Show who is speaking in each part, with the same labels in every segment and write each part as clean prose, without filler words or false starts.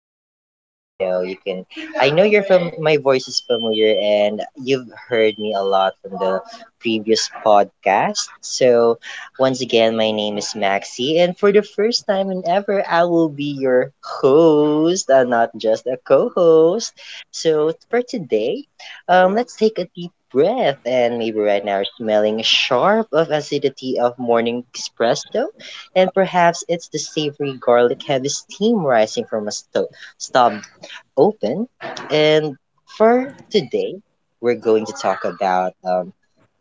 Speaker 1: everyone. I know you can I know you're from my voice is familiar and you've heard me a lot from the previous podcast. So once again my name is Maxi, and for the first time and ever I will be your host and not just a co-host. So for today, let's take a deep breath, and maybe right now we're smelling sharp of acidity of morning espresso, and perhaps it's the savory garlic heavy steam rising from a stove open. And for today, we're going to talk about um,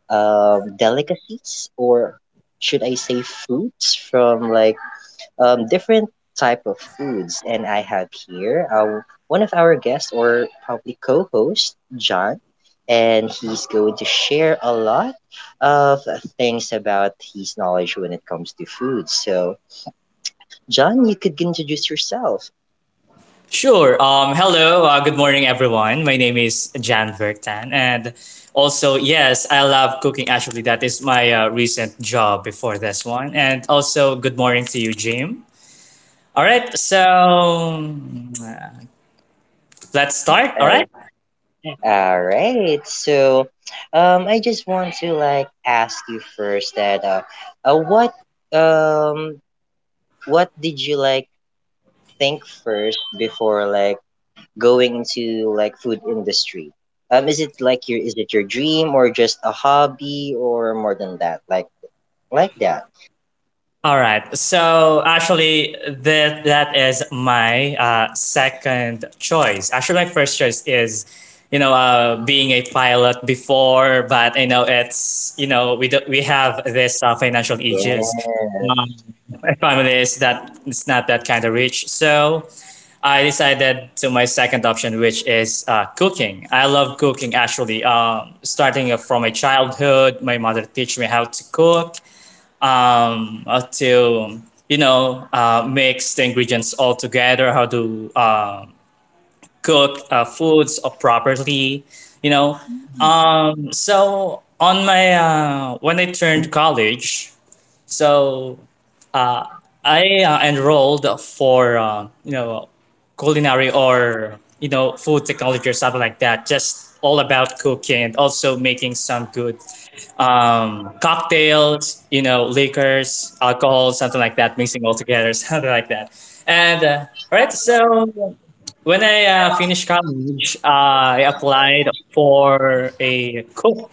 Speaker 1: um, delicacies, or should I say foods from, like, different type of foods. And I have here one of our guests, or probably co-host, John. And he's going to share a lot of things about his knowledge when it comes to food. So John, you could introduce yourself.
Speaker 2: Sure. Hello. Good morning, everyone. My name is Jan Vertan. And also, yes, I love cooking. Actually, that is my recent job before this one. And also, good morning to you, Jim. All right. So uh, let's start. All right.
Speaker 1: Uh, all right. So, I just want to like ask you first that uh what um what did you like think first before like going into like food industry? Is it like your, is it your dream, or just a hobby, or more than that? Like that.
Speaker 2: All right. So actually, that is my second choice. Actually, my first choice is, you know, being a pilot before, but you know, it's you know, we do, we have this financial issues.
Speaker 1: Yes.
Speaker 2: Um, my family is that it's not that kind of rich, so I decided to my second option, which is cooking. I love cooking actually. Starting from my childhood, my mother teach me how to cook to you know mix the ingredients all together, how to cook foods properly, you know. So on my when I turned college, so uh, I enrolled for you know culinary or you know food technology or something like that. Just all about cooking and also making some good cocktails, you know, liquors, alcohol, something like that, mixing all together, something like that. And all right, so when I finished college, I applied for a cook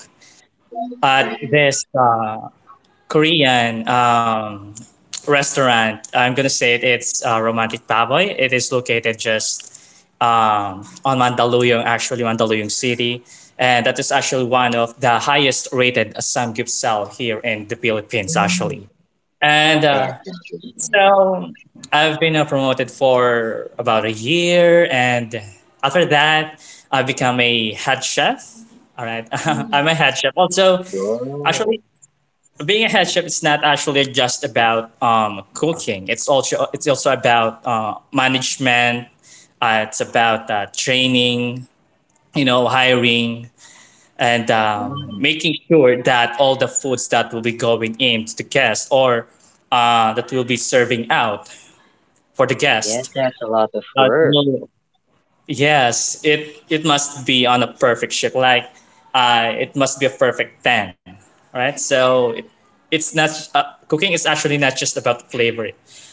Speaker 2: at this Korean restaurant. I'm gonna say it, it's Romantic Baboy. It is located just on Mandaluyong, actually Mandaluyong City, and that is actually one of the highest rated samgyeopsal here in the Philippines,
Speaker 1: Mm,
Speaker 2: actually. And
Speaker 1: that's interesting.
Speaker 2: so I've been promoted for about a year, and after that, I become a head chef. All right,
Speaker 1: Mm.
Speaker 2: I'm a head chef. Also,
Speaker 1: Whoa.
Speaker 2: actually, being a head chef it's not actually just about cooking it's also about management, it's about training, you know, hiring, and
Speaker 1: Mm.
Speaker 2: making sure that all the foods that will be going in to the guest or that will be serving out for the
Speaker 1: Yes,
Speaker 2: guest,
Speaker 1: that's a lot of work.
Speaker 2: no. Yes, it must be on a perfect shape. Like, it must be a perfect ten, right? So it's not, cooking is actually not just about flavor.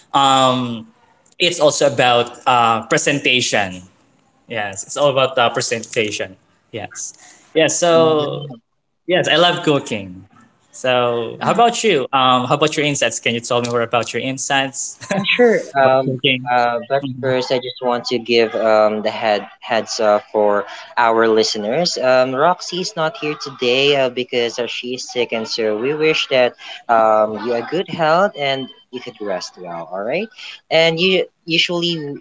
Speaker 2: Um, it's also about presentation. Yes, it's all about presentation. Yes, yeah.
Speaker 1: Mm, yeah,
Speaker 2: So yes, I love cooking. So how
Speaker 1: mm.
Speaker 2: about you? How about your insights? Can you tell me more about your insights
Speaker 1: Sure.
Speaker 2: about cooking?
Speaker 1: But first, I just want to give the heads up for our listeners. Roxy is not here today because she is sick, and so we wish that you have good health and you could rest well. All right. And you usually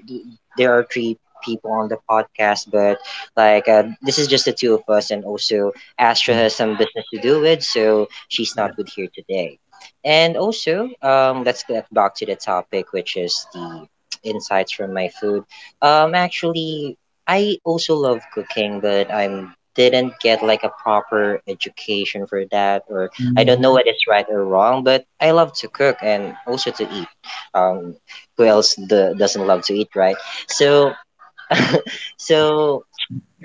Speaker 1: there are three people on the podcast, but like, this is just the two of us, and also Astra has some business to do with, so she's
Speaker 2: Yeah.
Speaker 1: not with here today. And also, let's get back to the topic, which is the insights from my food. Actually, I also love cooking, but I'm didn't get like a proper education for that, or I don't know what is right or wrong. But I love to cook and also to eat. Um, who else the, doesn't love to eat, right? So, so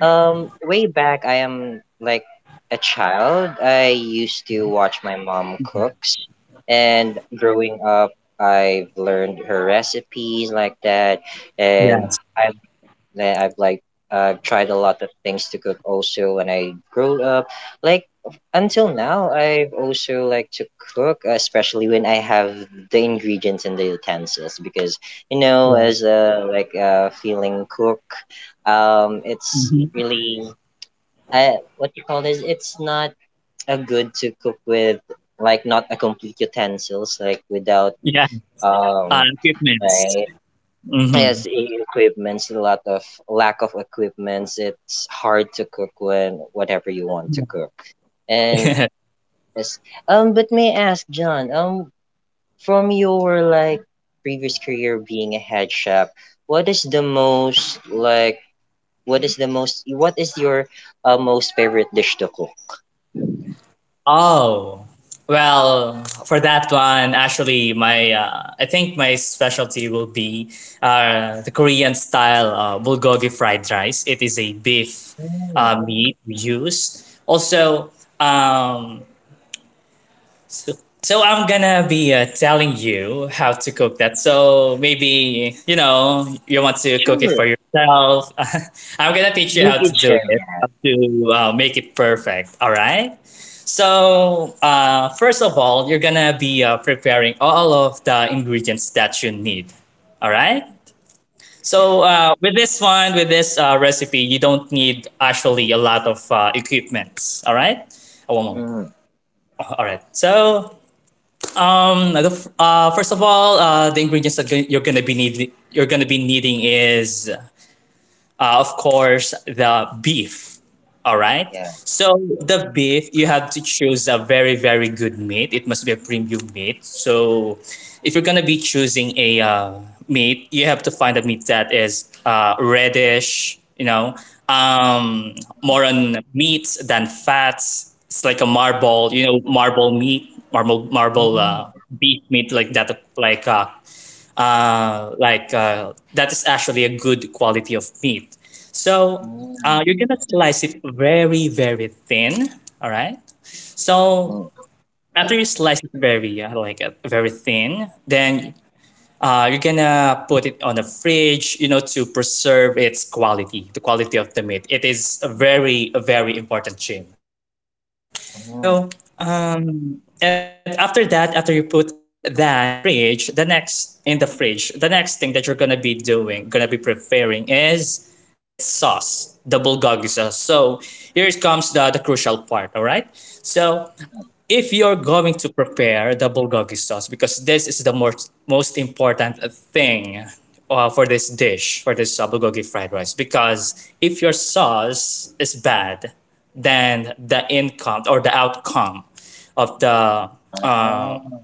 Speaker 1: um, way back, I am like a child. I used to watch my mom cooks, and growing up, I've learned her recipes like that, and
Speaker 2: Yes.
Speaker 1: I I've like I've tried a lot of things to cook also when I grew up. Like, until now, I've also like to cook, especially when I have the ingredients and the utensils, because you know,
Speaker 2: Yeah.
Speaker 1: as a like a feeling cook, it's
Speaker 2: hmm
Speaker 1: really what you call this. It's not a good to cook with like not a complete utensils, like without
Speaker 2: Yeah.
Speaker 1: um.
Speaker 2: Equipment.
Speaker 1: Right.
Speaker 2: hmm
Speaker 1: Yes, equipments, a lot of lack of equipments. It's hard to cook when whatever you want to cook. And yes, but may I ask, John, from your like previous career being a head chef, what is the most like? What is the most? What is your most favorite dish to cook?
Speaker 2: Oh, well, for that one, actually, my I think my specialty will be the Korean style bulgogi fried rice. It is a beef
Speaker 1: Mm,
Speaker 2: meat we use. Also, um, So, so, I'm gonna be telling you how to cook that. So maybe you know you want to cook it
Speaker 1: sure,
Speaker 2: for yourself. I'm gonna teach you
Speaker 1: you
Speaker 2: how to
Speaker 1: can
Speaker 2: do
Speaker 1: share
Speaker 2: it,
Speaker 1: that.
Speaker 2: how to make it perfect. All right. So first of all, you're gonna be preparing all of the ingredients that you need. All right.
Speaker 1: Yeah.
Speaker 2: So with this one, with this recipe, you don't need actually a lot of equipment. All right. Oh, one moment.
Speaker 1: Mm,
Speaker 2: All right. So the first of all, the ingredients that you're gonna be needing is of course, the beef. All right.
Speaker 1: yeah.
Speaker 2: So the beef, you have to choose a very, very good meat. It must be a premium meat. So if you're gonna be choosing a meat, you have to find a meat that is reddish. You know, um, more on meats than fats. It's like a marble. You know, marble meat, marble, marble
Speaker 1: Mm,
Speaker 2: beef meat like that, like uh, that is actually a good quality of meat. So
Speaker 1: mm,
Speaker 2: you're gonna slice it very very thin. All right. So
Speaker 1: mm,
Speaker 2: after you slice it very thin, then you're gonna put it on the fridge, you know, to preserve its quality, the quality of the meat. It is a very important thing. And also,
Speaker 1: mm.
Speaker 2: and after that, after you put that on the fridge, the next thing that you're gonna be doing, gonna be preparing is its sauce, the bulgogi sauce. So here comes the crucial part, all right? So if you're going to prepare the bulgogi sauce, because this is the most important thing for this dish, for this bulgogi fried rice. Because if your sauce is bad, then the income or the outcome of the uh,
Speaker 1: Ah,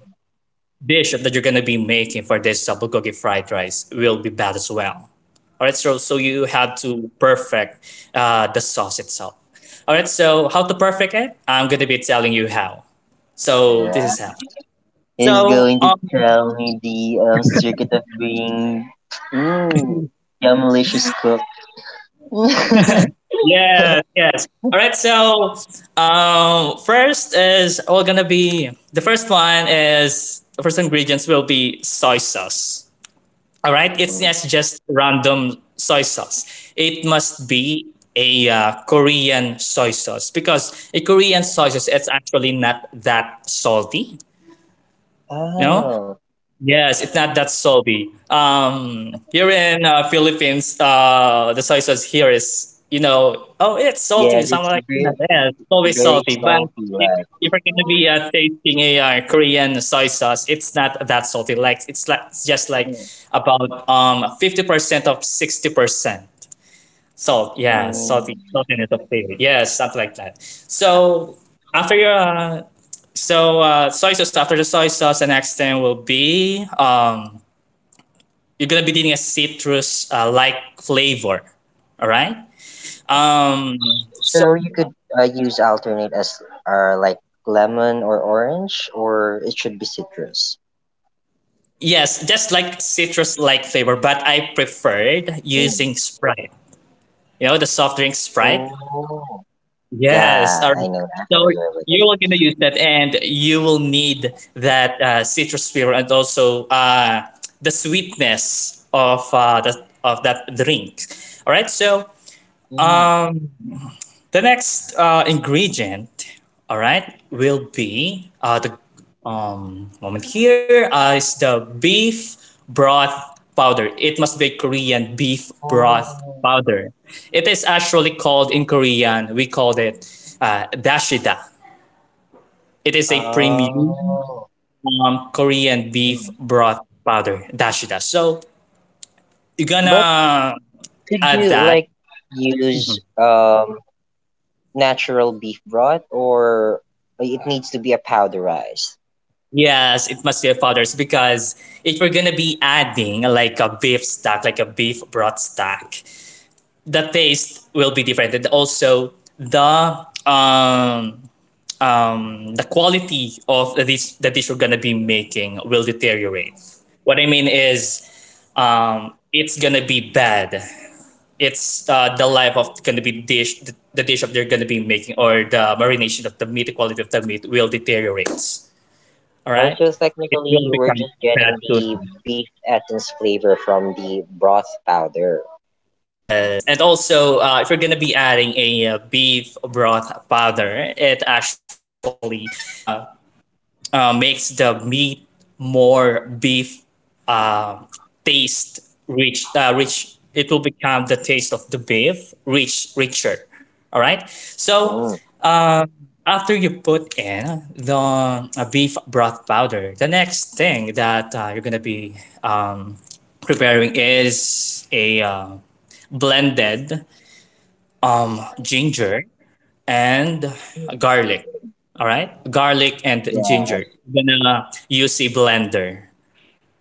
Speaker 2: dish that you're gonna be making for this bulgogi fried rice will be bad as well. All right, so you have to perfect the sauce itself. All right, so how to perfect it? I'm gonna be telling you how. So this
Speaker 1: yeah.
Speaker 2: is how.
Speaker 1: Is
Speaker 2: So
Speaker 1: going to tell me the circuit of being, mm, a malicious cook.
Speaker 2: yes, yes. All right, so first is we're gonna be the first one is the first ingredients will be soy sauce. All right, it's not just random soy sauce. It must be a Korean soy sauce because a Korean soy sauce it's actually not that salty. You know,
Speaker 1: Oh,
Speaker 2: yes, it's not that salty. Here in Philippines, the soy sauce here is, you know, oh, it's salty.
Speaker 1: yeah,
Speaker 2: So I'm like, yeah, yeah, it's
Speaker 1: it's
Speaker 2: always
Speaker 1: very
Speaker 2: salty. But
Speaker 1: salty,
Speaker 2: if,
Speaker 1: like.
Speaker 2: if you're gonna be tasting a Korean soy sauce, it's not that salty. Like it's just like about 50% of 60% salt. Yeah, salty
Speaker 1: Mm.
Speaker 2: saltiness of flavor. Yes, something like that. So after your so soy sauce after the soy sauce, the next thing will be you're gonna be needing a citrus like flavor. All right. So
Speaker 1: So you could use alternate as like lemon or orange, or it should be citrus.
Speaker 2: yes, just like citrus like flavor, but I preferred
Speaker 1: Mm.
Speaker 2: using Sprite. You know the soft drink Sprite.
Speaker 1: Oh,
Speaker 2: Yes. All
Speaker 1: yeah,
Speaker 2: right.
Speaker 1: I know that. I'm
Speaker 2: So
Speaker 1: familiar with
Speaker 2: you
Speaker 1: it.
Speaker 2: will gonna use that, and you will need that citrus flavor and also the sweetness of of that drink. All right. So
Speaker 1: Mm.
Speaker 2: um, the next ingredient, all right, will be the moment here is the beef broth powder. It must be Korean beef broth
Speaker 1: Oh.
Speaker 2: powder. It is actually called in Korean, we called it dashida. It is a premium Korean beef
Speaker 1: Oh.
Speaker 2: broth powder, dashida. So you're
Speaker 1: But
Speaker 2: gonna
Speaker 1: could
Speaker 2: add
Speaker 1: you
Speaker 2: that.
Speaker 1: like use natural beef broth, or it needs to be a powderized?
Speaker 2: Yes, it must be a father's because if we're gonna be adding like a beef stock, like a beef broth stock, the taste will be different, and also the um the quality of the dish we're gonna be making will deteriorate. What I mean is, it's gonna be bad. It's the life of gonna be the dish of they're gonna be making or the marination of the meat, the quality of the meat will deteriorate. All
Speaker 1: Oh,
Speaker 2: right.
Speaker 1: so
Speaker 2: It
Speaker 1: technically
Speaker 2: will
Speaker 1: we're
Speaker 2: become
Speaker 1: just getting
Speaker 2: that
Speaker 1: the
Speaker 2: soon.
Speaker 1: beef essence flavor from the broth powder.
Speaker 2: Yes, and also if you're gonna be adding a beef broth powder, it actually uh, makes the meat more beef uh, taste rich. Rich. It will become the taste of the beef rich, richer. All right. So
Speaker 1: Mm.
Speaker 2: uh, after you put in the beef broth powder, the next thing that you're gonna be um, preparing is a blended ginger and garlic. All right, garlic and
Speaker 1: Yeah,
Speaker 2: ginger. You're gonna use a blender.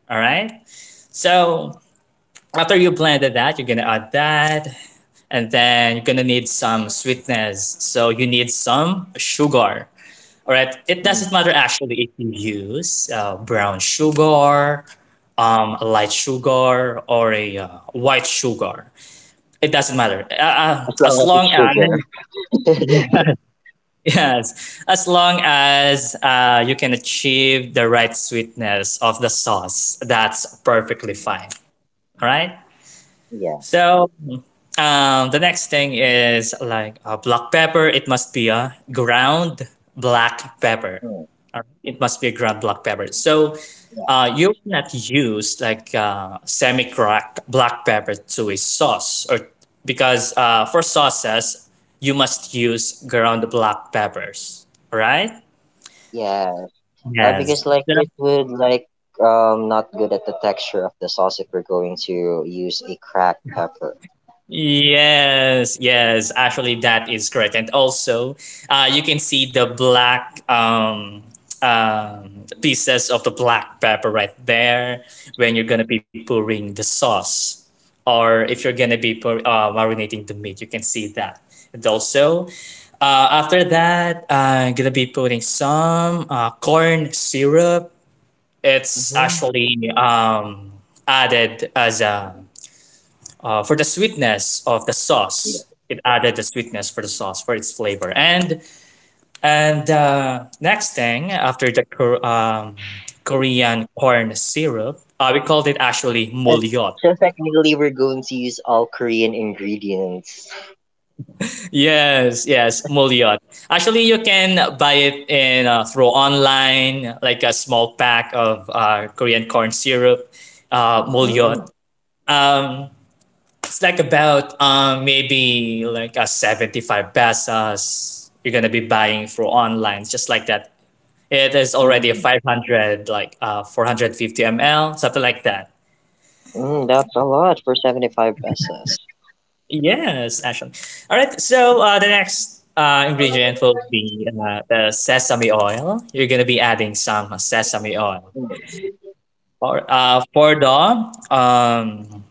Speaker 2: All right. So after you blended that, you're gonna add that, and then you're gonna need some sweetness. So you need some sugar. All right. It doesn't matter
Speaker 1: mm.
Speaker 2: actually if you use brown sugar, light sugar, or a white sugar. It doesn't matter.
Speaker 1: As long
Speaker 2: As
Speaker 1: as it's
Speaker 2: long as
Speaker 1: sugar.
Speaker 2: yeah, yes, as long as you can achieve the right sweetness of the sauce, that's perfectly
Speaker 1: Mm.
Speaker 2: fine. All right.
Speaker 1: Yeah,
Speaker 2: So the next thing is like black pepper. It must be a ground black pepper.
Speaker 1: mm.
Speaker 2: Or It must be a ground black pepper. So
Speaker 1: Yeah,
Speaker 2: you cannot use like semi cracked black pepper to a sauce, or because for sauces you must use ground black peppers, right?
Speaker 1: yeah.
Speaker 2: Yes.
Speaker 1: Because like it would like not good at the texture of the sauce if we're going to use a cracked pepper.
Speaker 2: Yes, yes, actually that is correct. And also, you can see the black pieces of the black pepper right there when you're gonna be pouring the sauce, or if you're gonna be marinating the meat, you can see that. And also, after that, I'm gonna be putting some corn syrup. It's actually added as a for the sweetness of the sauce. It added the sweetness for the sauce for its flavor. And next thing after the Korean corn syrup, we called it actually
Speaker 1: Uh,
Speaker 2: mulyot.
Speaker 1: So technically, we're going to use all Korean ingredients.
Speaker 2: Yes, yes, mulyot. Actually, you can buy it in through online, like a small pack of Korean corn syrup, mulyot.
Speaker 1: Mm,
Speaker 2: Um, It's like about maybe like a 75 pesos you're gonna be buying through online, just like that. It is already a
Speaker 1: mm,
Speaker 2: 500, like 450 ml, something like that.
Speaker 1: mm, that's a lot for 75 pesos.
Speaker 2: Yes, actually. All right, so the next ingredient will be the sesame oil. You're gonna be adding some sesame oil.
Speaker 1: Mm,
Speaker 2: For the um,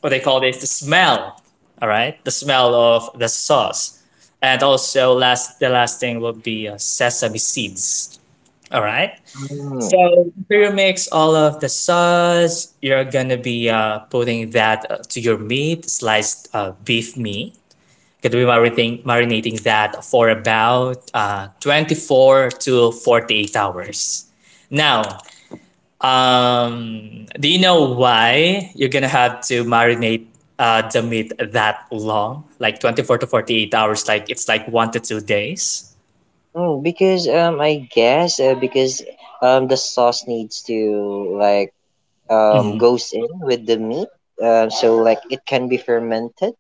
Speaker 2: what they call this, the smell. All right, the smell of the sauce, and also last the last thing will be sesame seeds. All right.
Speaker 1: mm,
Speaker 2: So after you mix all of the sauce, you're gonna be putting that to your meat, sliced beef meat. Gonna be marinating that for about 24 to 48 hours. Now, do you know why you're gonna have to marinate the meat that long, like 24 to 48 hours? Like it's like one to two days.
Speaker 1: mm, because I guess because the sauce needs to like
Speaker 2: Hmm.
Speaker 1: goes in with the meat. So like it can be fermented.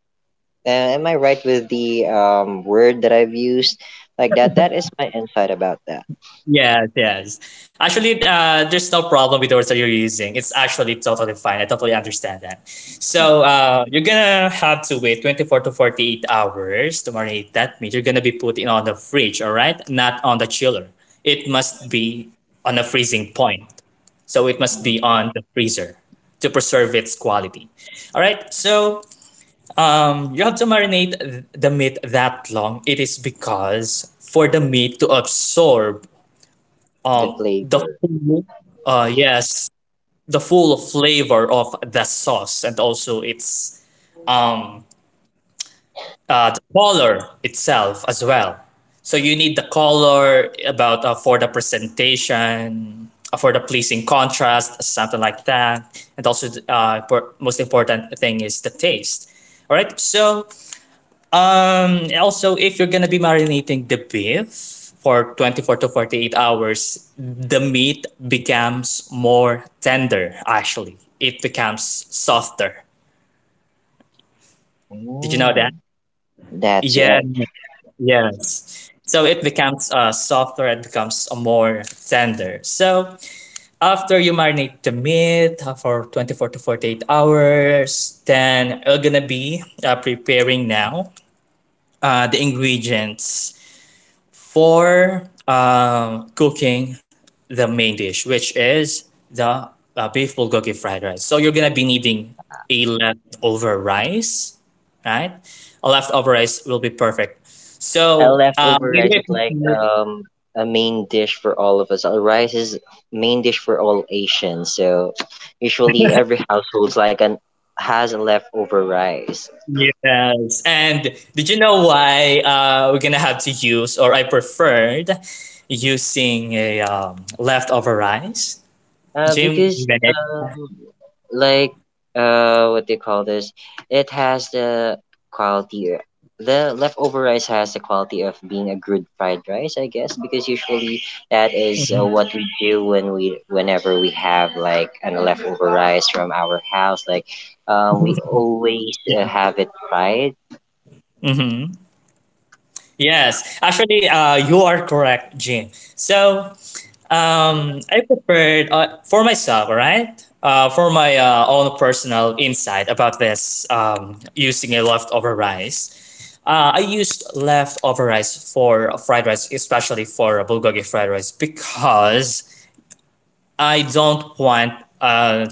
Speaker 1: Am I right with the word that I've used? Like that. That is my insight about that.
Speaker 2: Yes, yes. Actually, there's no problem with the words that you're using. It's actually totally fine. I totally understand that. So you're gonna have to wait 24 to 48 hours to marinate that meat. You're gonna be putting on the fridge, all right? Not on the chiller. It must be on a freezing point, so it must be on the freezer to preserve its quality. All right, so you have to marinate the meat that long. It is because for the meat to absorb
Speaker 1: The
Speaker 2: the
Speaker 1: flavor.
Speaker 2: yes, the full flavor of the sauce, and also its the color itself as well. So you need the color about for the presentation, for the pleasing contrast, something like that. And also, most important thing is the taste. All right. So also, if you're gonna be marinating the beef for 24 to 48 hours, the meat becomes more tender. Actually, it becomes softer. Did you know that?
Speaker 1: Mm. That's
Speaker 2: Yeah.
Speaker 1: right.
Speaker 2: Yes. So it becomes softer and becomes more tender. So after you marinate the meat for 24 to 48 hours, then you're gonna be preparing now the ingredients for cooking the main dish, which is the beef bulgogi fried rice. So you're gonna be needing a leftover rice, right? A leftover rice will be perfect.
Speaker 1: A
Speaker 2: So,
Speaker 1: leftover rice is like a main dish for all of us. Rice is main dish for all Asians. So usually every household's like an has a leftover rice.
Speaker 2: yes. And did you know why we're gonna have to use, or I preferred using a leftover rice? Jim.
Speaker 1: Because like what do you call this? It has the quality. The leftover rice has the quality of being a good fried rice, I guess, because usually that is what we do when we, whenever we have like an leftover rice from our house, like, we always have it fried.
Speaker 2: Mm-hmm. Yes, actually, you are correct, Jim. So, I prepared for myself, all right? For my own personal insight about this, using a leftover rice. I used leftover rice for fried rice, especially for bulgogi fried rice, because I don't want uh,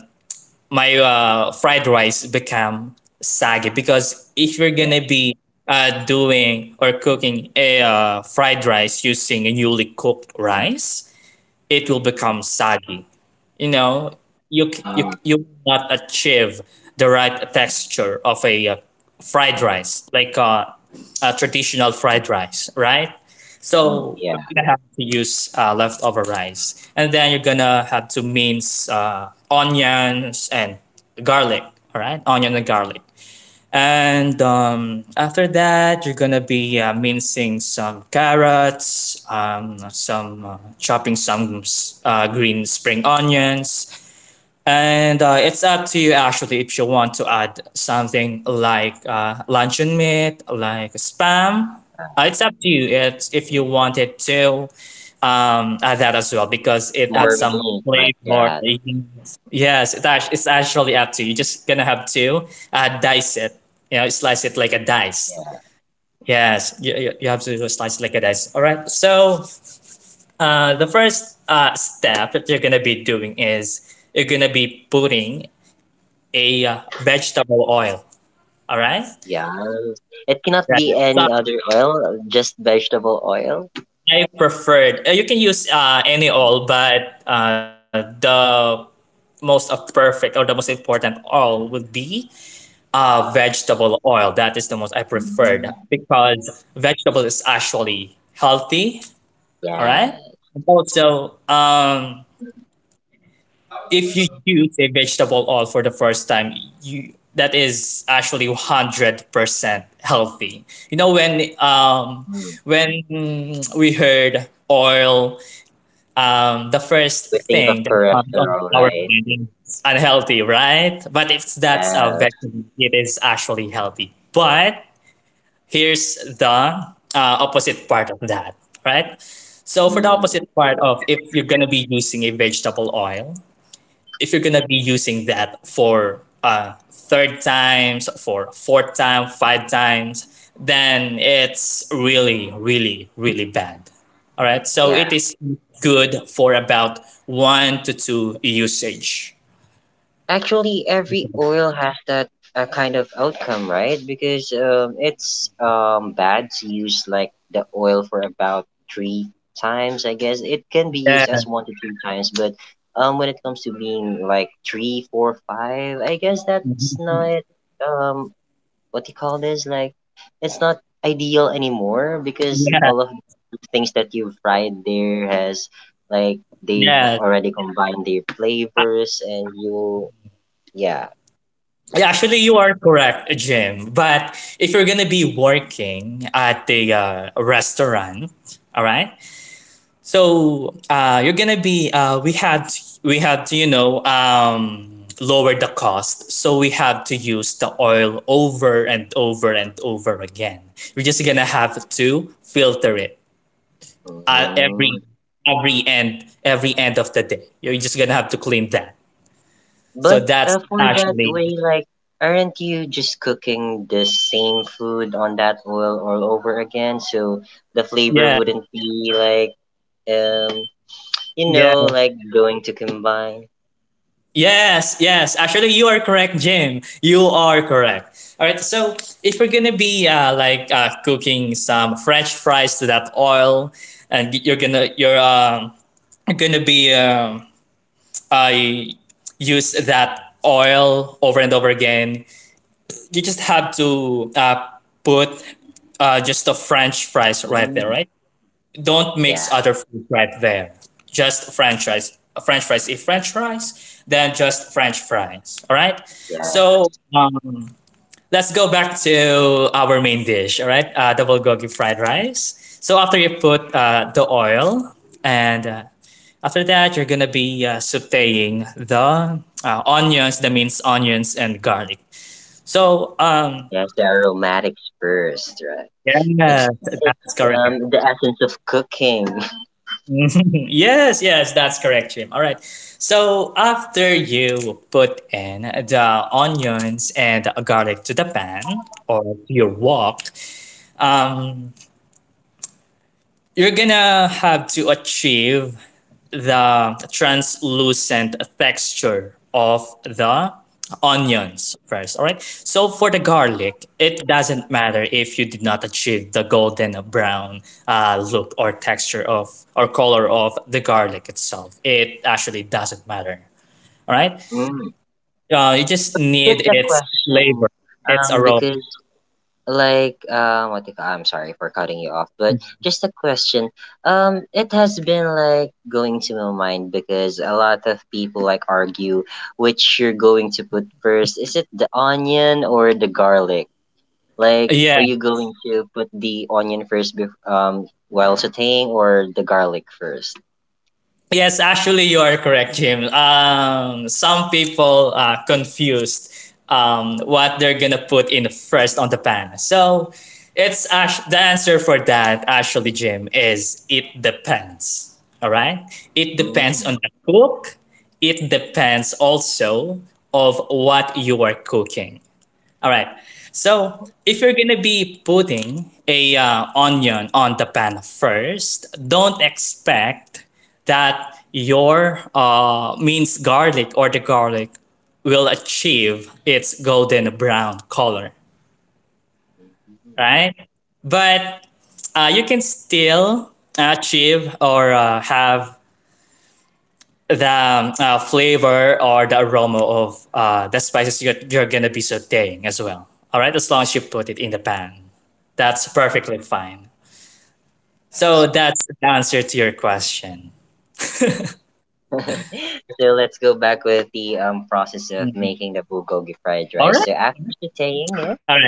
Speaker 2: my fried rice become saggy, because if you're
Speaker 1: Yeah,
Speaker 2: gonna be doing or cooking a fried rice using a newly cooked rice, it will become saggy. You know,
Speaker 1: mm,
Speaker 2: you will not achieve the right texture of a fried rice, like a traditional fried rice, right?
Speaker 1: mm,
Speaker 2: So
Speaker 1: yeah,
Speaker 2: you're gonna have to use leftover rice, and then you're gonna have to mince onions and garlic. All right, onion and garlic. And after that, you're gonna be mincing some carrots, some chopping some green spring onions, and it's up to you actually if you want to add something like luncheon meat, like spam. It's up to you if you wanted to add that as well, because it adds
Speaker 1: more
Speaker 2: some
Speaker 1: meat like
Speaker 2: flavor.
Speaker 1: that.
Speaker 2: Yes, it's actually up to you. You're just gonna have to dice it, you know, slice it like a dice.
Speaker 1: Yeah.
Speaker 2: Yes, you have to slice it like a dice. All right. So the first step that you're gonna be doing is you're gonna be putting a vegetable oil. All right.
Speaker 1: Yeah. It cannot
Speaker 2: Right.
Speaker 1: be
Speaker 2: So
Speaker 1: any other oil, just vegetable oil.
Speaker 2: I preferred. You can use any oil, but the most of perfect or the most important oil would be vegetable oil. That is the most I preferred
Speaker 1: Mm.
Speaker 2: because vegetable is actually healthy. All
Speaker 1: Yeah.
Speaker 2: right. Also, if you use a vegetable oil for the first time, you, that is actually 100% healthy. You know,
Speaker 1: Mm.
Speaker 2: when we heard oil, the first
Speaker 1: We think
Speaker 2: thing
Speaker 1: of
Speaker 2: that comes on
Speaker 1: cholesterol,
Speaker 2: our
Speaker 1: right?
Speaker 2: mind is unhealthy, right? But if that's a
Speaker 1: Yes.
Speaker 2: vegetable, it is actually healthy. But here's the opposite part of that, right? So for the
Speaker 1: Mm.
Speaker 2: opposite part of, if you're gonna be using a vegetable oil, if you're gonna be using that for third times, for fourth time, five times, then it's really, really, really bad. All right. So
Speaker 1: Yeah.
Speaker 2: it is good for about one to two usage.
Speaker 1: Actually, every oil has that kind of outcome, right? Because it's bad to use like the oil for about three times. I guess it can be used
Speaker 2: Yeah.
Speaker 1: as one to three times, but when it comes to being like three, four, five, I guess that's not um what do you call this like it's not ideal anymore because
Speaker 2: Yeah.
Speaker 1: all of the things that you've fried there has like they've
Speaker 2: Yeah.
Speaker 1: already combined their flavors and you, yeah,
Speaker 2: Yeah, actually, you are correct, Jim. But if you're gonna be working at the restaurant, all right, so you're gonna be we had to, you know, lower the cost, so we have to use the oil over and over and over again. We're just gonna have to filter it uh, every
Speaker 1: mm.
Speaker 2: every end every end of the day. You're just gonna have to clean that. So
Speaker 1: But
Speaker 2: that's
Speaker 1: for that
Speaker 2: actually
Speaker 1: way like aren't you just cooking the same food on that oil all over again so the flavor
Speaker 2: yeah
Speaker 1: wouldn't be like um you
Speaker 2: yeah.
Speaker 1: know like going to combine,
Speaker 2: Yes, yes. Actually, you are correct, Jim. You are correct. All right. So if we're gonna be cooking some French fries to that oil, and you're gonna be I use that oil over and over again. You just have to put just the French fries right there,
Speaker 1: mm.
Speaker 2: right? Don't
Speaker 1: Yeah,
Speaker 2: mix other food right there. Just French fries. French fries. If French fries, then just French fries. All right.
Speaker 1: yeah.
Speaker 2: So let's go back to our main dish. All right, double gogi fried rice. So after you put the oil, and after that you're gonna be sautéing the onions, the minced onions and garlic. So
Speaker 1: Yes, the aromatics first, right?
Speaker 2: yeah,
Speaker 1: It's it's
Speaker 2: that's correct.
Speaker 1: um the essence of cooking.
Speaker 2: Mhm. Yes, yes, that's correct, Jim. All right. So after you put in the onions and garlic to the pan or to your wok, um, you're gonna have to achieve the translucent texture of the onions first. All right, so for the garlic, it doesn't matter if you did not achieve the golden brown look or texture of or color of the garlic itself, it actually doesn't matter. All right,
Speaker 1: Mm.
Speaker 2: you just
Speaker 1: Just
Speaker 2: need
Speaker 1: a
Speaker 2: its
Speaker 1: question,
Speaker 2: flavor, its aroma.
Speaker 1: because like what if, I'm sorry for cutting you off, but just a question. It has been like going to my mind because a lot of people like argue which you're going to put first. Is it the onion or the garlic? Like,
Speaker 2: Yeah.
Speaker 1: are you going to put the onion first, while sautéing, or the garlic first?
Speaker 2: Yes, actually, you are correct, Jim. Some people are confused what they're gonna put in first on the pan. So, the answer for that actually, Jim, is it depends. All right, it depends on
Speaker 1: Mm.
Speaker 2: the cook. It depends also of what you are cooking. All right. So if you're gonna be putting a onion on the pan first, don't expect that your minced garlic or the garlic will achieve its golden brown color,
Speaker 1: Mm,
Speaker 2: right? But you can still achieve or have the flavor or the aroma of the spices you're gonna be sauteing as well. All right, as long as you put it in the pan, that's perfectly fine.
Speaker 1: I
Speaker 2: So
Speaker 1: see.
Speaker 2: that's the answer to your question.
Speaker 1: So let's go back with the process of making the bulgogi fried
Speaker 2: All
Speaker 1: rice.
Speaker 2: right,
Speaker 1: So after sautéing
Speaker 2: all
Speaker 1: it,
Speaker 2: right,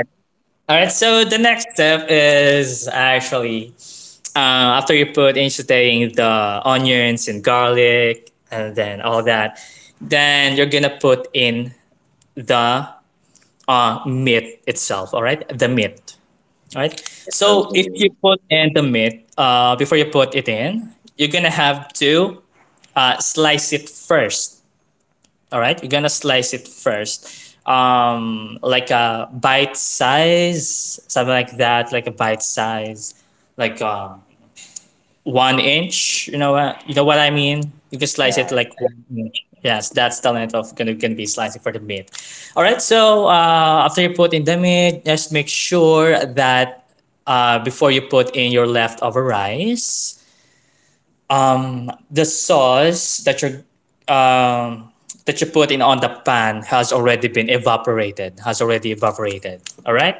Speaker 2: all right. So the next step is actually after you put in sauteing the onions and garlic and then all that, then you're gonna put in the meat itself. All right, the meat, right?
Speaker 1: the
Speaker 2: So if
Speaker 1: frozen
Speaker 2: you
Speaker 1: meat,
Speaker 2: put in the meat, before you put it in, you're gonna have to slice it first. All right, you're gonna slice it first, like a bite size, something like that, like a bite size, like one inch. You know what I mean. You can slice
Speaker 1: yeah,
Speaker 2: it like one inch. Yes, that's the length of gonna be slicing for the meat. All right. So after you put in the meat, just make sure that before you put in your leftover rice, the sauce that you're um, that you put in on the pan has already been evaporated. Has already evaporated. All right.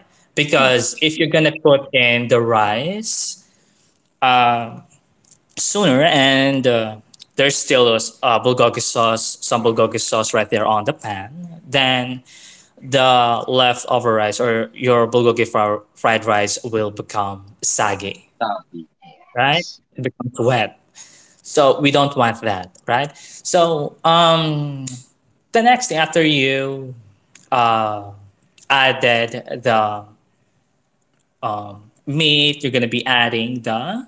Speaker 1: mm,
Speaker 2: Because if you're gonna put in the rice, uh, sooner. And there's still a bulgogi sauce, some bulgogi sauce right there on the pan. Then the leftover rice or your fried rice will become soggy,
Speaker 1: coffee.
Speaker 2: right? It becomes wet. So we don't want that, right? So the next thing after you uh, added the meat, you're gonna be adding the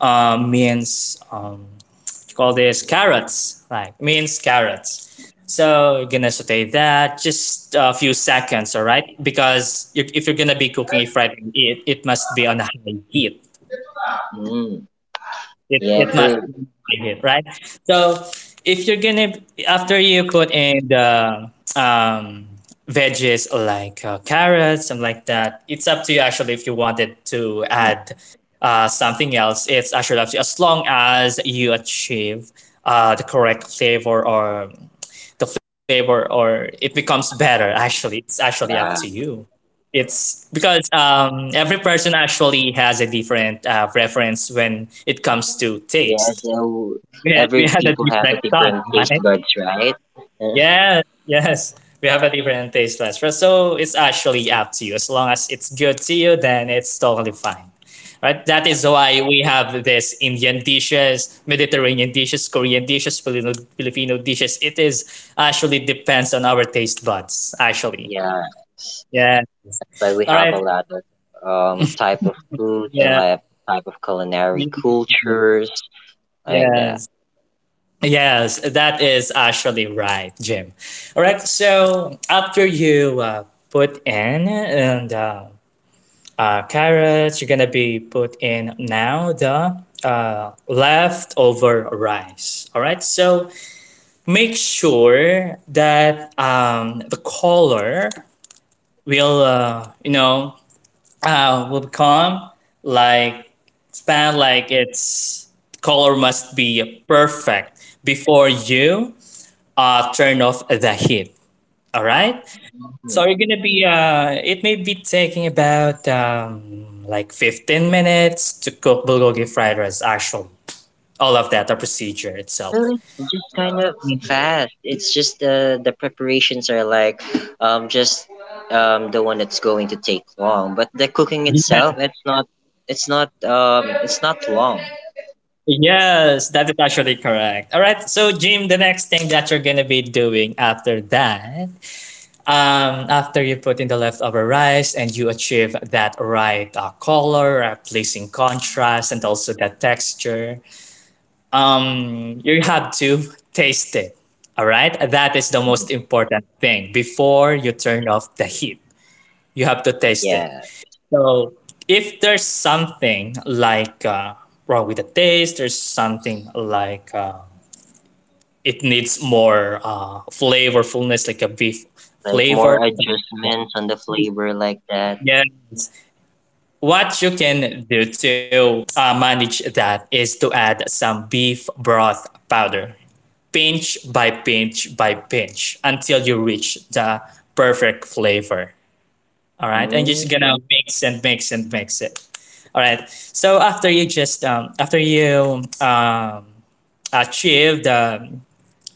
Speaker 2: minced you call this carrots, like minced carrots. So you're gonna saute that just a few seconds, all right? Because you, if you're gonna be cooking a fried egg, it must be on a high heat,
Speaker 1: Mm,
Speaker 2: it,
Speaker 1: yeah,
Speaker 2: it must
Speaker 1: but
Speaker 2: be here, right? So if you're gonna, after you put in the um, veggies like carrots, something like that, it's up to you actually if you wanted to
Speaker 1: mm,
Speaker 2: add something else. It's actually up to you as long as you achieve the correct flavor, or it becomes better actually, it's actually up to
Speaker 1: yeah,
Speaker 2: you. It's because every person actually has a different preference when it comes to
Speaker 1: yeah.
Speaker 2: taste.
Speaker 1: So
Speaker 2: We
Speaker 1: every
Speaker 2: had a
Speaker 1: people have
Speaker 2: different
Speaker 1: a
Speaker 2: tongue,
Speaker 1: different taste
Speaker 2: right?
Speaker 1: buds, right?
Speaker 2: Yes, yes. We have a different taste buds, right? So it's actually up to you. As long as it's good to you, then it's totally fine. Right? That is why we have this Indian dishes, Mediterranean dishes, Korean dishes, Filipino dishes. It is actually depends on our taste buds, actually.
Speaker 1: Yeah,
Speaker 2: Yeah.
Speaker 1: but we
Speaker 2: All
Speaker 1: have a
Speaker 2: right.
Speaker 1: lot of type of foods and
Speaker 2: Yeah.
Speaker 1: like type of culinary
Speaker 2: Mm,
Speaker 1: cultures like that.
Speaker 2: yes. Yes, that is actually right, Jim. All right. So after you put in and carrots you are gonna be put in now the leftover rice. All right, so make sure that the color will you know, will become like, it's not like its color must be perfect before you turn off the heat. All right.
Speaker 1: Hmm.
Speaker 2: So we're gonna be it may be taking about like 15 minutes to cook bulgogi fried rice actually. All of that, the procedure itself.
Speaker 1: Really, just kind of fast. It's just the preparations are like, just the one that's going to take long, but the cooking
Speaker 2: Yeah.
Speaker 1: itself, it's not, it's not it's not long.
Speaker 2: Yes, that is actually correct. All right. So Jim, the next thing that you're gonna be doing after that, after you put in the leftover rice and you achieve that right color, pleasing contrast, and also that texture, you have to taste it. All right, that is the most important thing before you turn off the heat. You have to
Speaker 1: Yeah,
Speaker 2: taste it. So if there's something like wrong with the taste, there's something like it needs more flavorfulness, like a beef
Speaker 1: like
Speaker 2: flavor.
Speaker 1: more adjustments on the flavor like that.
Speaker 2: Yes. What you can do to manage that is to add some beef broth powder, pinch by pinch by pinch, until you reach the perfect flavor. All right, and
Speaker 1: Mm-hmm.
Speaker 2: just gonna mix and mix and mix it. All right. So after you just after you achieve the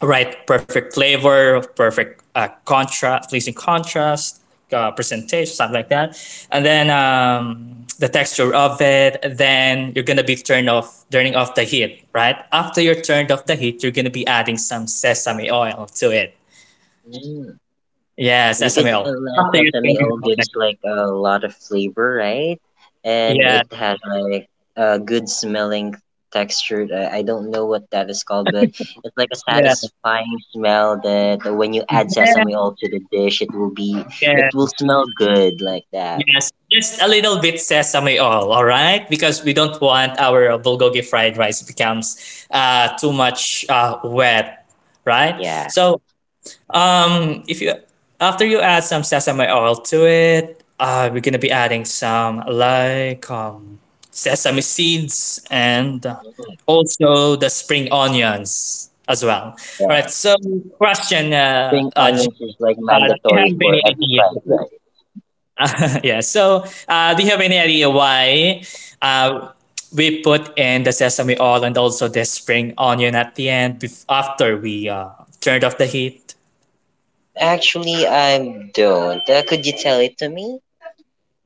Speaker 2: right perfect flavor, perfect contrast, pleasing contrast, presentation, something like that, and then the texture of it. Then you're gonna be turning off the heat, right? After you're turned off the heat, you're gonna be adding some sesame oil to it. Yeah,
Speaker 1: Because
Speaker 2: sesame oil. After you turn
Speaker 1: sesame
Speaker 2: it
Speaker 1: oil
Speaker 2: off, the
Speaker 1: gives like a lot of flavor, right?
Speaker 2: heat.
Speaker 1: And
Speaker 2: Yeah,
Speaker 1: it has like a good smelling texture. I don't know what that is called, but it's like a
Speaker 2: yeah,
Speaker 1: satisfying smell that when you add
Speaker 2: yeah,
Speaker 1: sesame oil to the dish, it will be it
Speaker 2: yeah.
Speaker 1: will smell good like that.
Speaker 2: Yes, just a little bit sesame oil, all right? Because we don't want our bulgogi fried rice becomes too much wet, right?
Speaker 1: Yeah.
Speaker 2: So if you after you add some sesame oil to it, we're gonna be adding some like sesame seeds and also the spring onions as well. All right.
Speaker 1: Yeah,
Speaker 2: So question,
Speaker 1: spring onions
Speaker 2: Jimmy,
Speaker 1: is like
Speaker 2: do you
Speaker 1: mandatory
Speaker 2: have
Speaker 1: for
Speaker 2: any
Speaker 1: every fried
Speaker 2: idea?
Speaker 1: rice.
Speaker 2: Yeah. So, do you have any idea why uh, we put in the sesame oil and also the spring onion at the end after we turned off the heat?
Speaker 1: Actually, I don't. Could you tell it to me?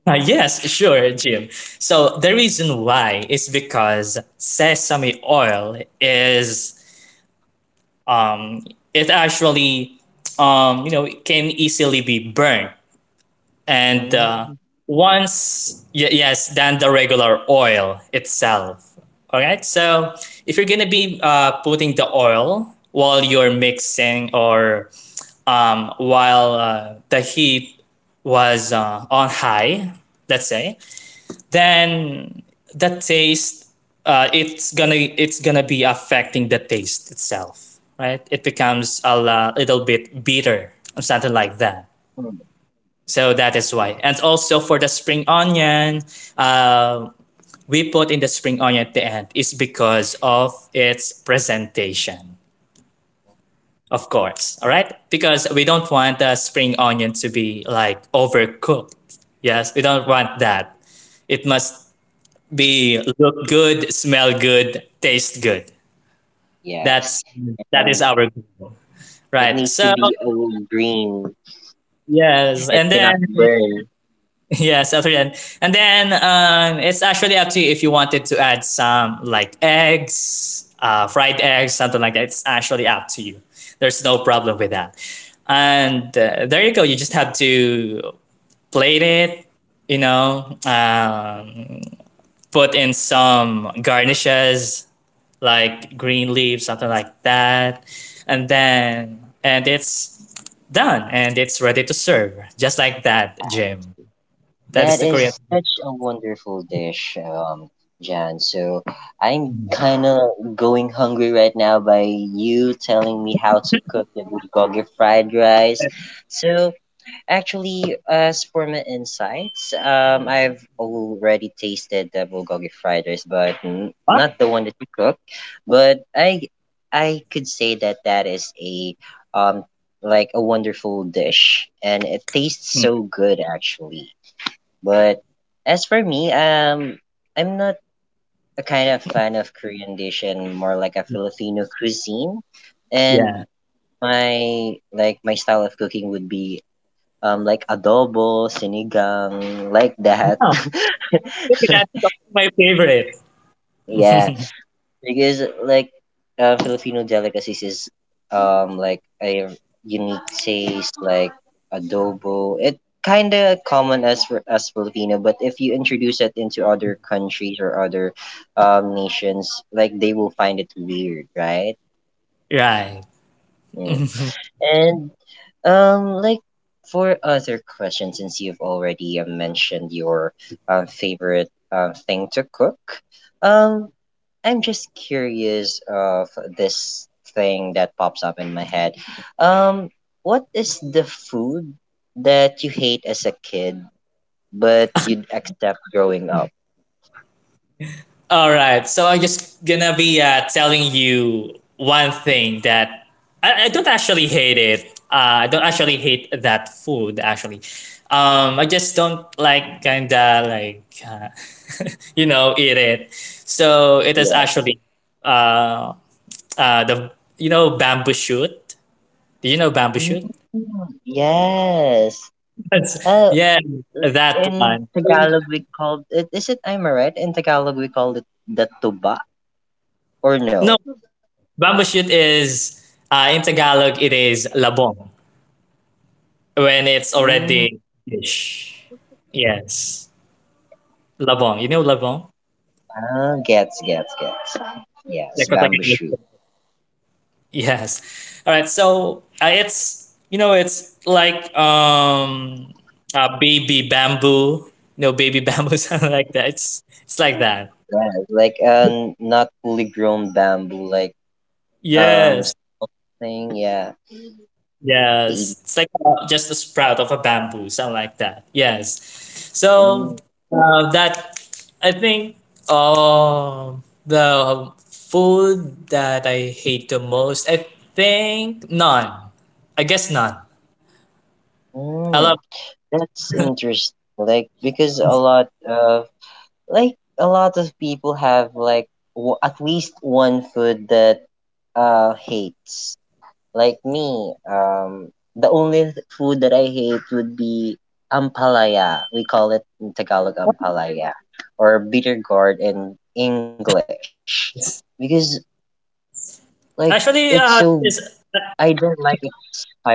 Speaker 2: Yes, sure, Jim. So, the reason why is because sesame oil is, um, it actually, you know, can easily be burnt and
Speaker 1: Mm,
Speaker 2: yes, than the regular oil itself. All right, so if you're gonna be putting the oil while you're mixing or while the heat was on high, let's say, then the taste, it's gonna be affecting the taste itself, right? It becomes a little bit bitter or something like that. So that is why. And also for the spring onion, uh, we put in the spring onion at the end is because of its presentation, of course. All right? Because we don't want the spring onion to be like overcooked. Yes, we don't want that. It must be look good, smell good, taste good.
Speaker 1: yes.
Speaker 2: That's that is
Speaker 1: And.
Speaker 2: our goal.
Speaker 1: It
Speaker 2: Right.
Speaker 1: needs to
Speaker 2: So
Speaker 1: be all green.
Speaker 2: yes,
Speaker 1: It
Speaker 2: and then
Speaker 1: cannot burn.
Speaker 2: yes, after that. And then it's actually up to you if you wanted to add some like eggs, fried eggs, something like that. It's actually up to you. There's no problem with that. And there you go. You just have to plate it, you know, put in some garnishes like green leaves, something like that. And then, and it's done and it's ready to serve. Just like that, Jim. That is
Speaker 1: That
Speaker 2: the Korean.
Speaker 1: is such a wonderful dish, Jan. So I'm kind of going hungry right now by you telling me how to cook the bulgogi fried rice. So actually, as for my insights, I've already tasted the bulgogi fried rice, but
Speaker 2: Wow.
Speaker 1: not the one that you cook. But I could say that that is a, um, like a wonderful dish, and it tastes
Speaker 2: Hmm.
Speaker 1: so good actually. But as for me, I'm not a kind of fan of Korean dish and more like a Filipino cuisine, and
Speaker 2: Yeah.
Speaker 1: my like my style of cooking would be like adobo, sinigang, like that.
Speaker 2: No, I think that's my favorite.
Speaker 1: Yeah, because like, Filipino delicacies is like a unique taste like adobo. It kind of common as for as Filipino, but if you introduce it into other countries or other nations, like they will find it weird, right?
Speaker 2: Right.
Speaker 1: Mm. And like for other questions, since you've already mentioned your favorite thing to cook, um, I'm just curious of this thing that pops up in my head. Um, what is the food that you hate as a kid but you'd accept growing up?
Speaker 2: All right. So I'm just gonna be telling you one thing that I don't actually hate it. I don't actually hate that food actually. I just don't like kinda like you know, eat it. So it is
Speaker 1: Yeah.
Speaker 2: actually uh, the, you know, bamboo shoot. Do you know bamboo
Speaker 1: Mm,
Speaker 2: shoot?
Speaker 1: yes.
Speaker 2: That's,
Speaker 1: Uh,
Speaker 2: yeah, that
Speaker 1: in
Speaker 2: one.
Speaker 1: Tagalog we called it, is it I'm right? In Tagalog we called it the tuba or no?
Speaker 2: No, bamboo shoot is in Tagalog it is labong when it's
Speaker 1: Mm,
Speaker 2: already fish. Yes, labong. You know labong?
Speaker 1: ah, gets gets gets. Yes,
Speaker 2: Like what
Speaker 1: bamboo
Speaker 2: Tagalog.
Speaker 1: shoot.
Speaker 2: Yes. All right. So it's you know, it's like baby bamboo. No baby bamboo, something like that. It's like that.
Speaker 1: Yeah, it's like not fully grown bamboo, like um
Speaker 2: Yes.
Speaker 1: something, yeah, baby.
Speaker 2: Yes, it's like just a sprout of a bamboo, something like that. Yes. So
Speaker 1: Mm,
Speaker 2: that I think the food that I hate the most, I think none. I guess none. I
Speaker 1: mm,
Speaker 2: love
Speaker 1: that's interesting. Like because a lot of like a lot of people have like at least one food that hates. Like me, the only food that I hate would be ampalaya. We call it in Tagalog ampalaya, or bitter gourd in English.
Speaker 2: this.
Speaker 1: Because like it's so,
Speaker 2: Actually
Speaker 1: I don't like
Speaker 2: this,
Speaker 1: its type of bitterness.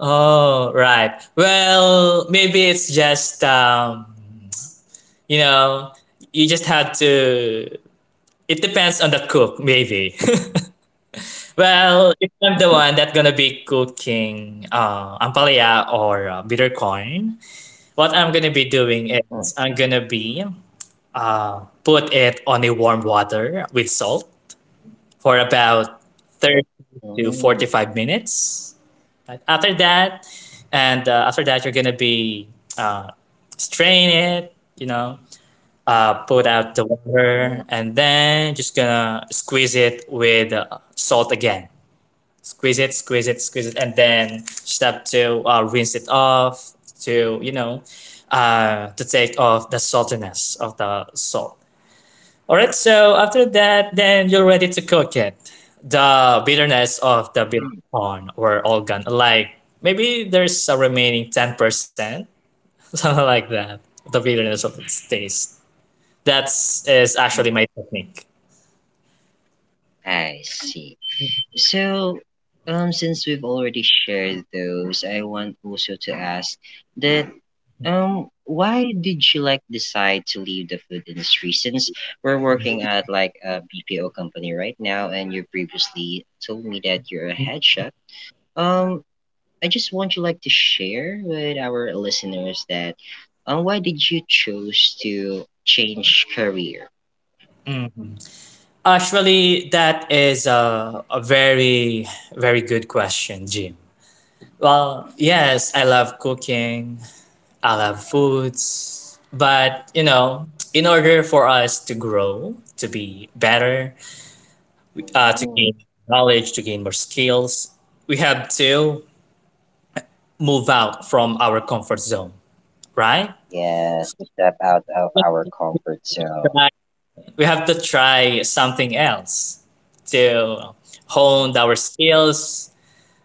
Speaker 2: oh right. Well, maybe it's just you know, you just have to. It depends on the cook, maybe. Well, if I'm the one that's gonna be cooking ampalaya or bitter corn, what I'm gonna be
Speaker 1: Mm,
Speaker 2: doing is I'm gonna be uh, put it on a warm water with salt for about
Speaker 1: mm,
Speaker 2: 30 to 45 minutes. Right? After that, and after that, you're gonna be uh, strain it, you know, put out the
Speaker 1: mm,
Speaker 2: water, and then just gonna squeeze it with salt again, squeeze it, squeeze it, squeeze it, and then step to rinse it off to you know, to take off the saltiness of the salt. All right, so after that, then you're ready to cook it. The bitterness of the bitter corn were all gone. Like maybe there's a remaining 10%, something like that. The bitterness of its taste. That's is actually my
Speaker 1: mm.
Speaker 2: technique.
Speaker 1: I see. So, since we've already shared those, I want also to ask that why did you decide to leave the food industry? Since we're working at like a BPO company right now, and you previously told me that you're a head chef. Um, I just want you to share with our listeners that why did you choose to change career?
Speaker 2: Mhm. Actually, that is a very, very good question, Jim. Well, yes, I love cooking, I love foods, but you know, in order for us to grow, to be better, to gain
Speaker 1: Mm,
Speaker 2: knowledge, to gain more skills, we have to move out from our comfort zone, right?
Speaker 1: yes, to step
Speaker 2: We
Speaker 1: out of our
Speaker 2: have to
Speaker 1: comfort
Speaker 2: try,
Speaker 1: zone.
Speaker 2: we have to try something else to hone our skills,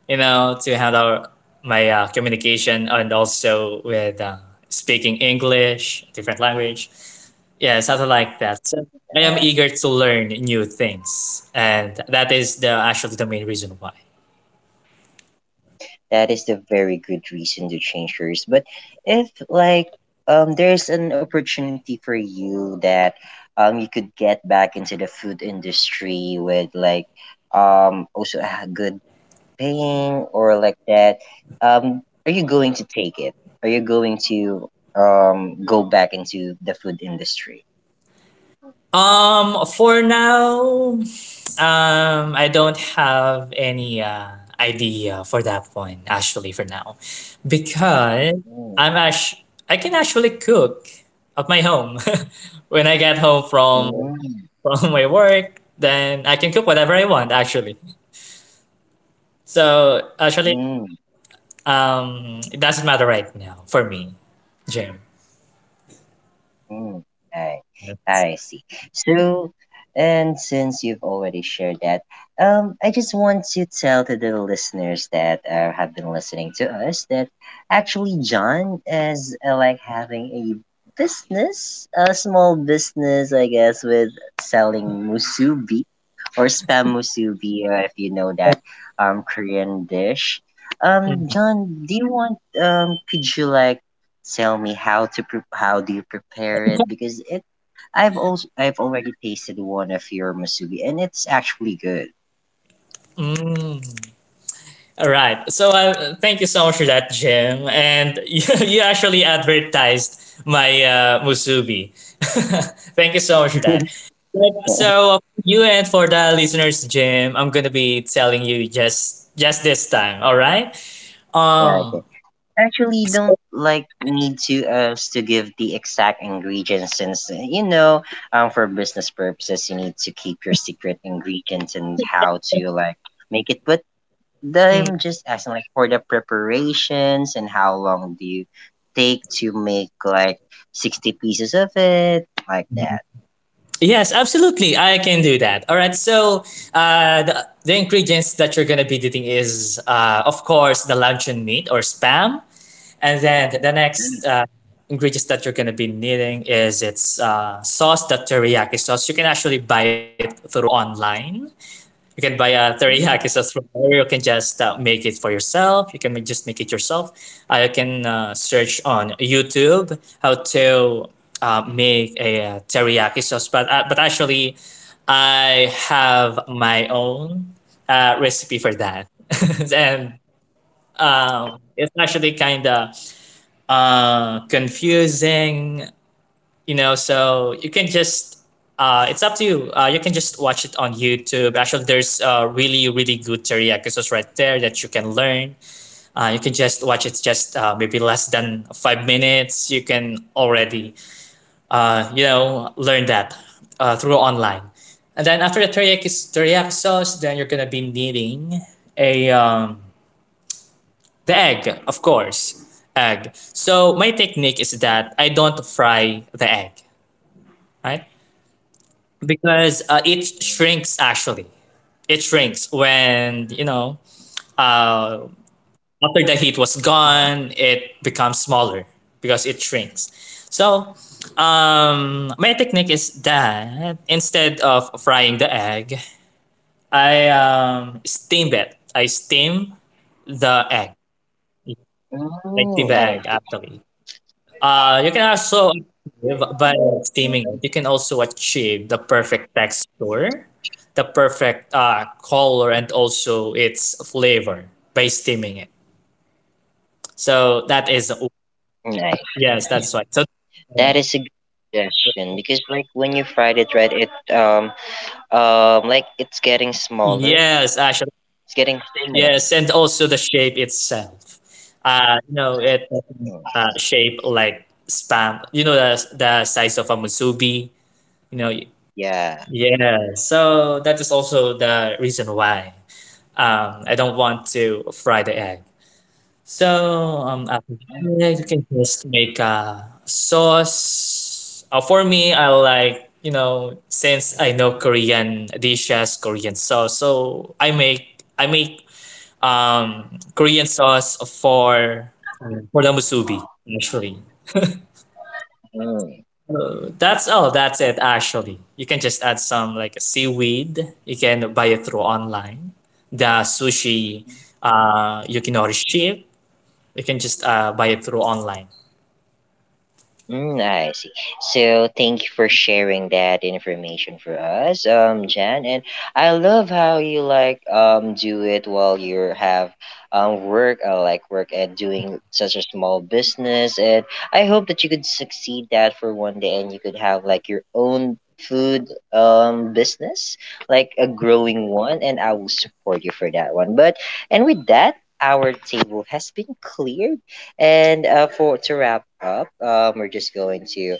Speaker 2: you know, to handle my communication and also with speaking English, different language. Yeah, something like that. So I am eager to learn new things, and that is the actually the main reason why.
Speaker 1: That is the very good reason to change yours. But if there's an opportunity for you that you could get back into the food industry with like also a good paying or like that, are you going to take it? Are you going to go back into the food industry?
Speaker 2: For now, I don't have any idea for that one actually for now, because
Speaker 1: Mm,
Speaker 2: I'm ash- I can actually cook at my home. When I get home
Speaker 1: mm,
Speaker 2: from my work, then I can cook whatever I want actually. So actually,
Speaker 1: mm.
Speaker 2: it doesn't matter right now for me, Jim.
Speaker 1: Mm, I, I see. So, and since you've already shared that, I just want to tell to the listeners that have been listening to us that actually John is like having a business, a small business, I guess, with selling musubi or spam musubi, if you know that Korean dish.
Speaker 2: Mm.
Speaker 1: John, do you want could you tell me how to how do you prepare it, because it I've already tasted one of your masubi and it's actually good.
Speaker 2: Mm. All right. So thank you so much for that, Jim. And you actually advertised my musubi. Thank you so much for that. But, so for you and for the listeners, Jim, I'm gonna be telling you just this time. All right. Um.
Speaker 1: Okay. Actually, you don't need to us to give the exact ingredients, since you know for business purposes you need to keep your secret ingredients and how to make it. But I'm just asking like for the preparations, and how long do you take to make like 60 pieces of it like that.
Speaker 2: Yes, absolutely. I can do that. All right. So the ingredients that you're gonna be eating is of course the luncheon meat or spam. And then the
Speaker 1: Mm,
Speaker 2: next ingredients that you're going to be needing is it's sauce, the teriyaki sauce. You can actually buy it through online. You can buy a teriyaki sauce from there. You can just make it for yourself. You can just make it yourself. You can search on YouTube how to make a teriyaki sauce. But actually, I have my own recipe for that, and it's actually kind of confusing, you know. So you can just it's up to you. You can just watch it on YouTube. Actually, there's really, really good teriyaki sauce right there that you can learn. You can just watch it just maybe less than 5 minutes. You can already, you know, learn that through online. And then after the teriyaki sauce, then you're going to be needing a the egg, of course. Egg. So my technique is that I don't fry the egg, right? Because it shrinks actually. It shrinks when, you know,
Speaker 1: nice,
Speaker 2: uh, after the heat was gone, it becomes smaller because it shrinks. So my technique is that instead of frying the egg, I steam it. I steam the egg. I steam the egg actually. You can also
Speaker 1: Mm-hmm.
Speaker 2: achieve by steaming it. You can also achieve the perfect texture, the perfect color, and also its flavor by steaming it. So that is
Speaker 1: nice.
Speaker 2: yes,
Speaker 1: That
Speaker 2: that's right.
Speaker 1: is a
Speaker 2: So
Speaker 1: good suggestion, because like when you fried it, right? It like it's getting smaller. It's
Speaker 2: yes,
Speaker 1: getting
Speaker 2: actually
Speaker 1: thinner.
Speaker 2: yes, and also the shape itself. You know
Speaker 1: Mm,
Speaker 2: it shape like spam. You know the size of a musubi. You know.
Speaker 1: yeah.
Speaker 2: Yeah. So that is also the reason why. I don't want to fry the egg. So after that, you can just make a sauce. For me, I like you know, since I know Korean dishes, Korean sauce. So I make Korean sauce for the musubi actually.
Speaker 1: Mm.
Speaker 2: That's all. That's it actually. You can just add some like seaweed. You can buy it through online. The sushi Yukinori ship. You can just buy it through online.
Speaker 1: Mm, I see. So thank you for sharing that information for us, Jan. And I love how you do it while you have work. I like work and doing such a small business, and I hope that you could succeed that for one day, and you could have like your own food business, like a growing one. And I will support you for that one. But and with that, our table has been cleared and for to wrap up, we're just going to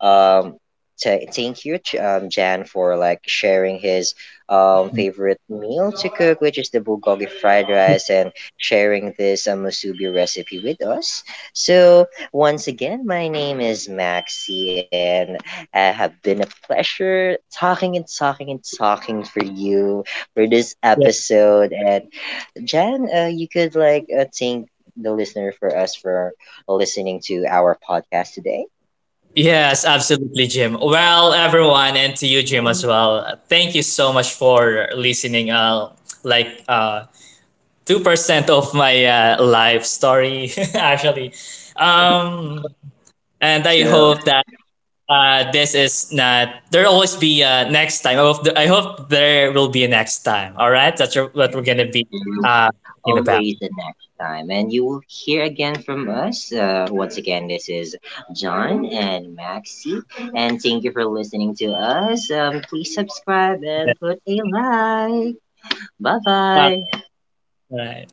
Speaker 1: um, thank you, Jan, for like sharing his
Speaker 2: Yeah.
Speaker 1: favorite meal to cook, which is the bulgogi fried rice, and sharing this musubi recipe with us. So once again, my name is Maxi, and it have been a pleasure talking and talking and talking for you for this episode. And Jen, you could thank the listener for us for listening to our podcast today.
Speaker 2: Yes, absolutely, Jim. Well, everyone, and to you, Jim, as well. Thank you so much for listening. Like uh, 2% of my life story, actually. Um, and I
Speaker 1: So
Speaker 2: hope that this is not. There'll always be a next time. I hope there will be a next time. All right, that's what we're gonna be uh, talking about.
Speaker 1: always the next time, and you will hear again from us. Once again, this is John and Maxi, and thank you for listening to us. Please subscribe and put a like. Bye
Speaker 2: All
Speaker 1: bye.
Speaker 2: right.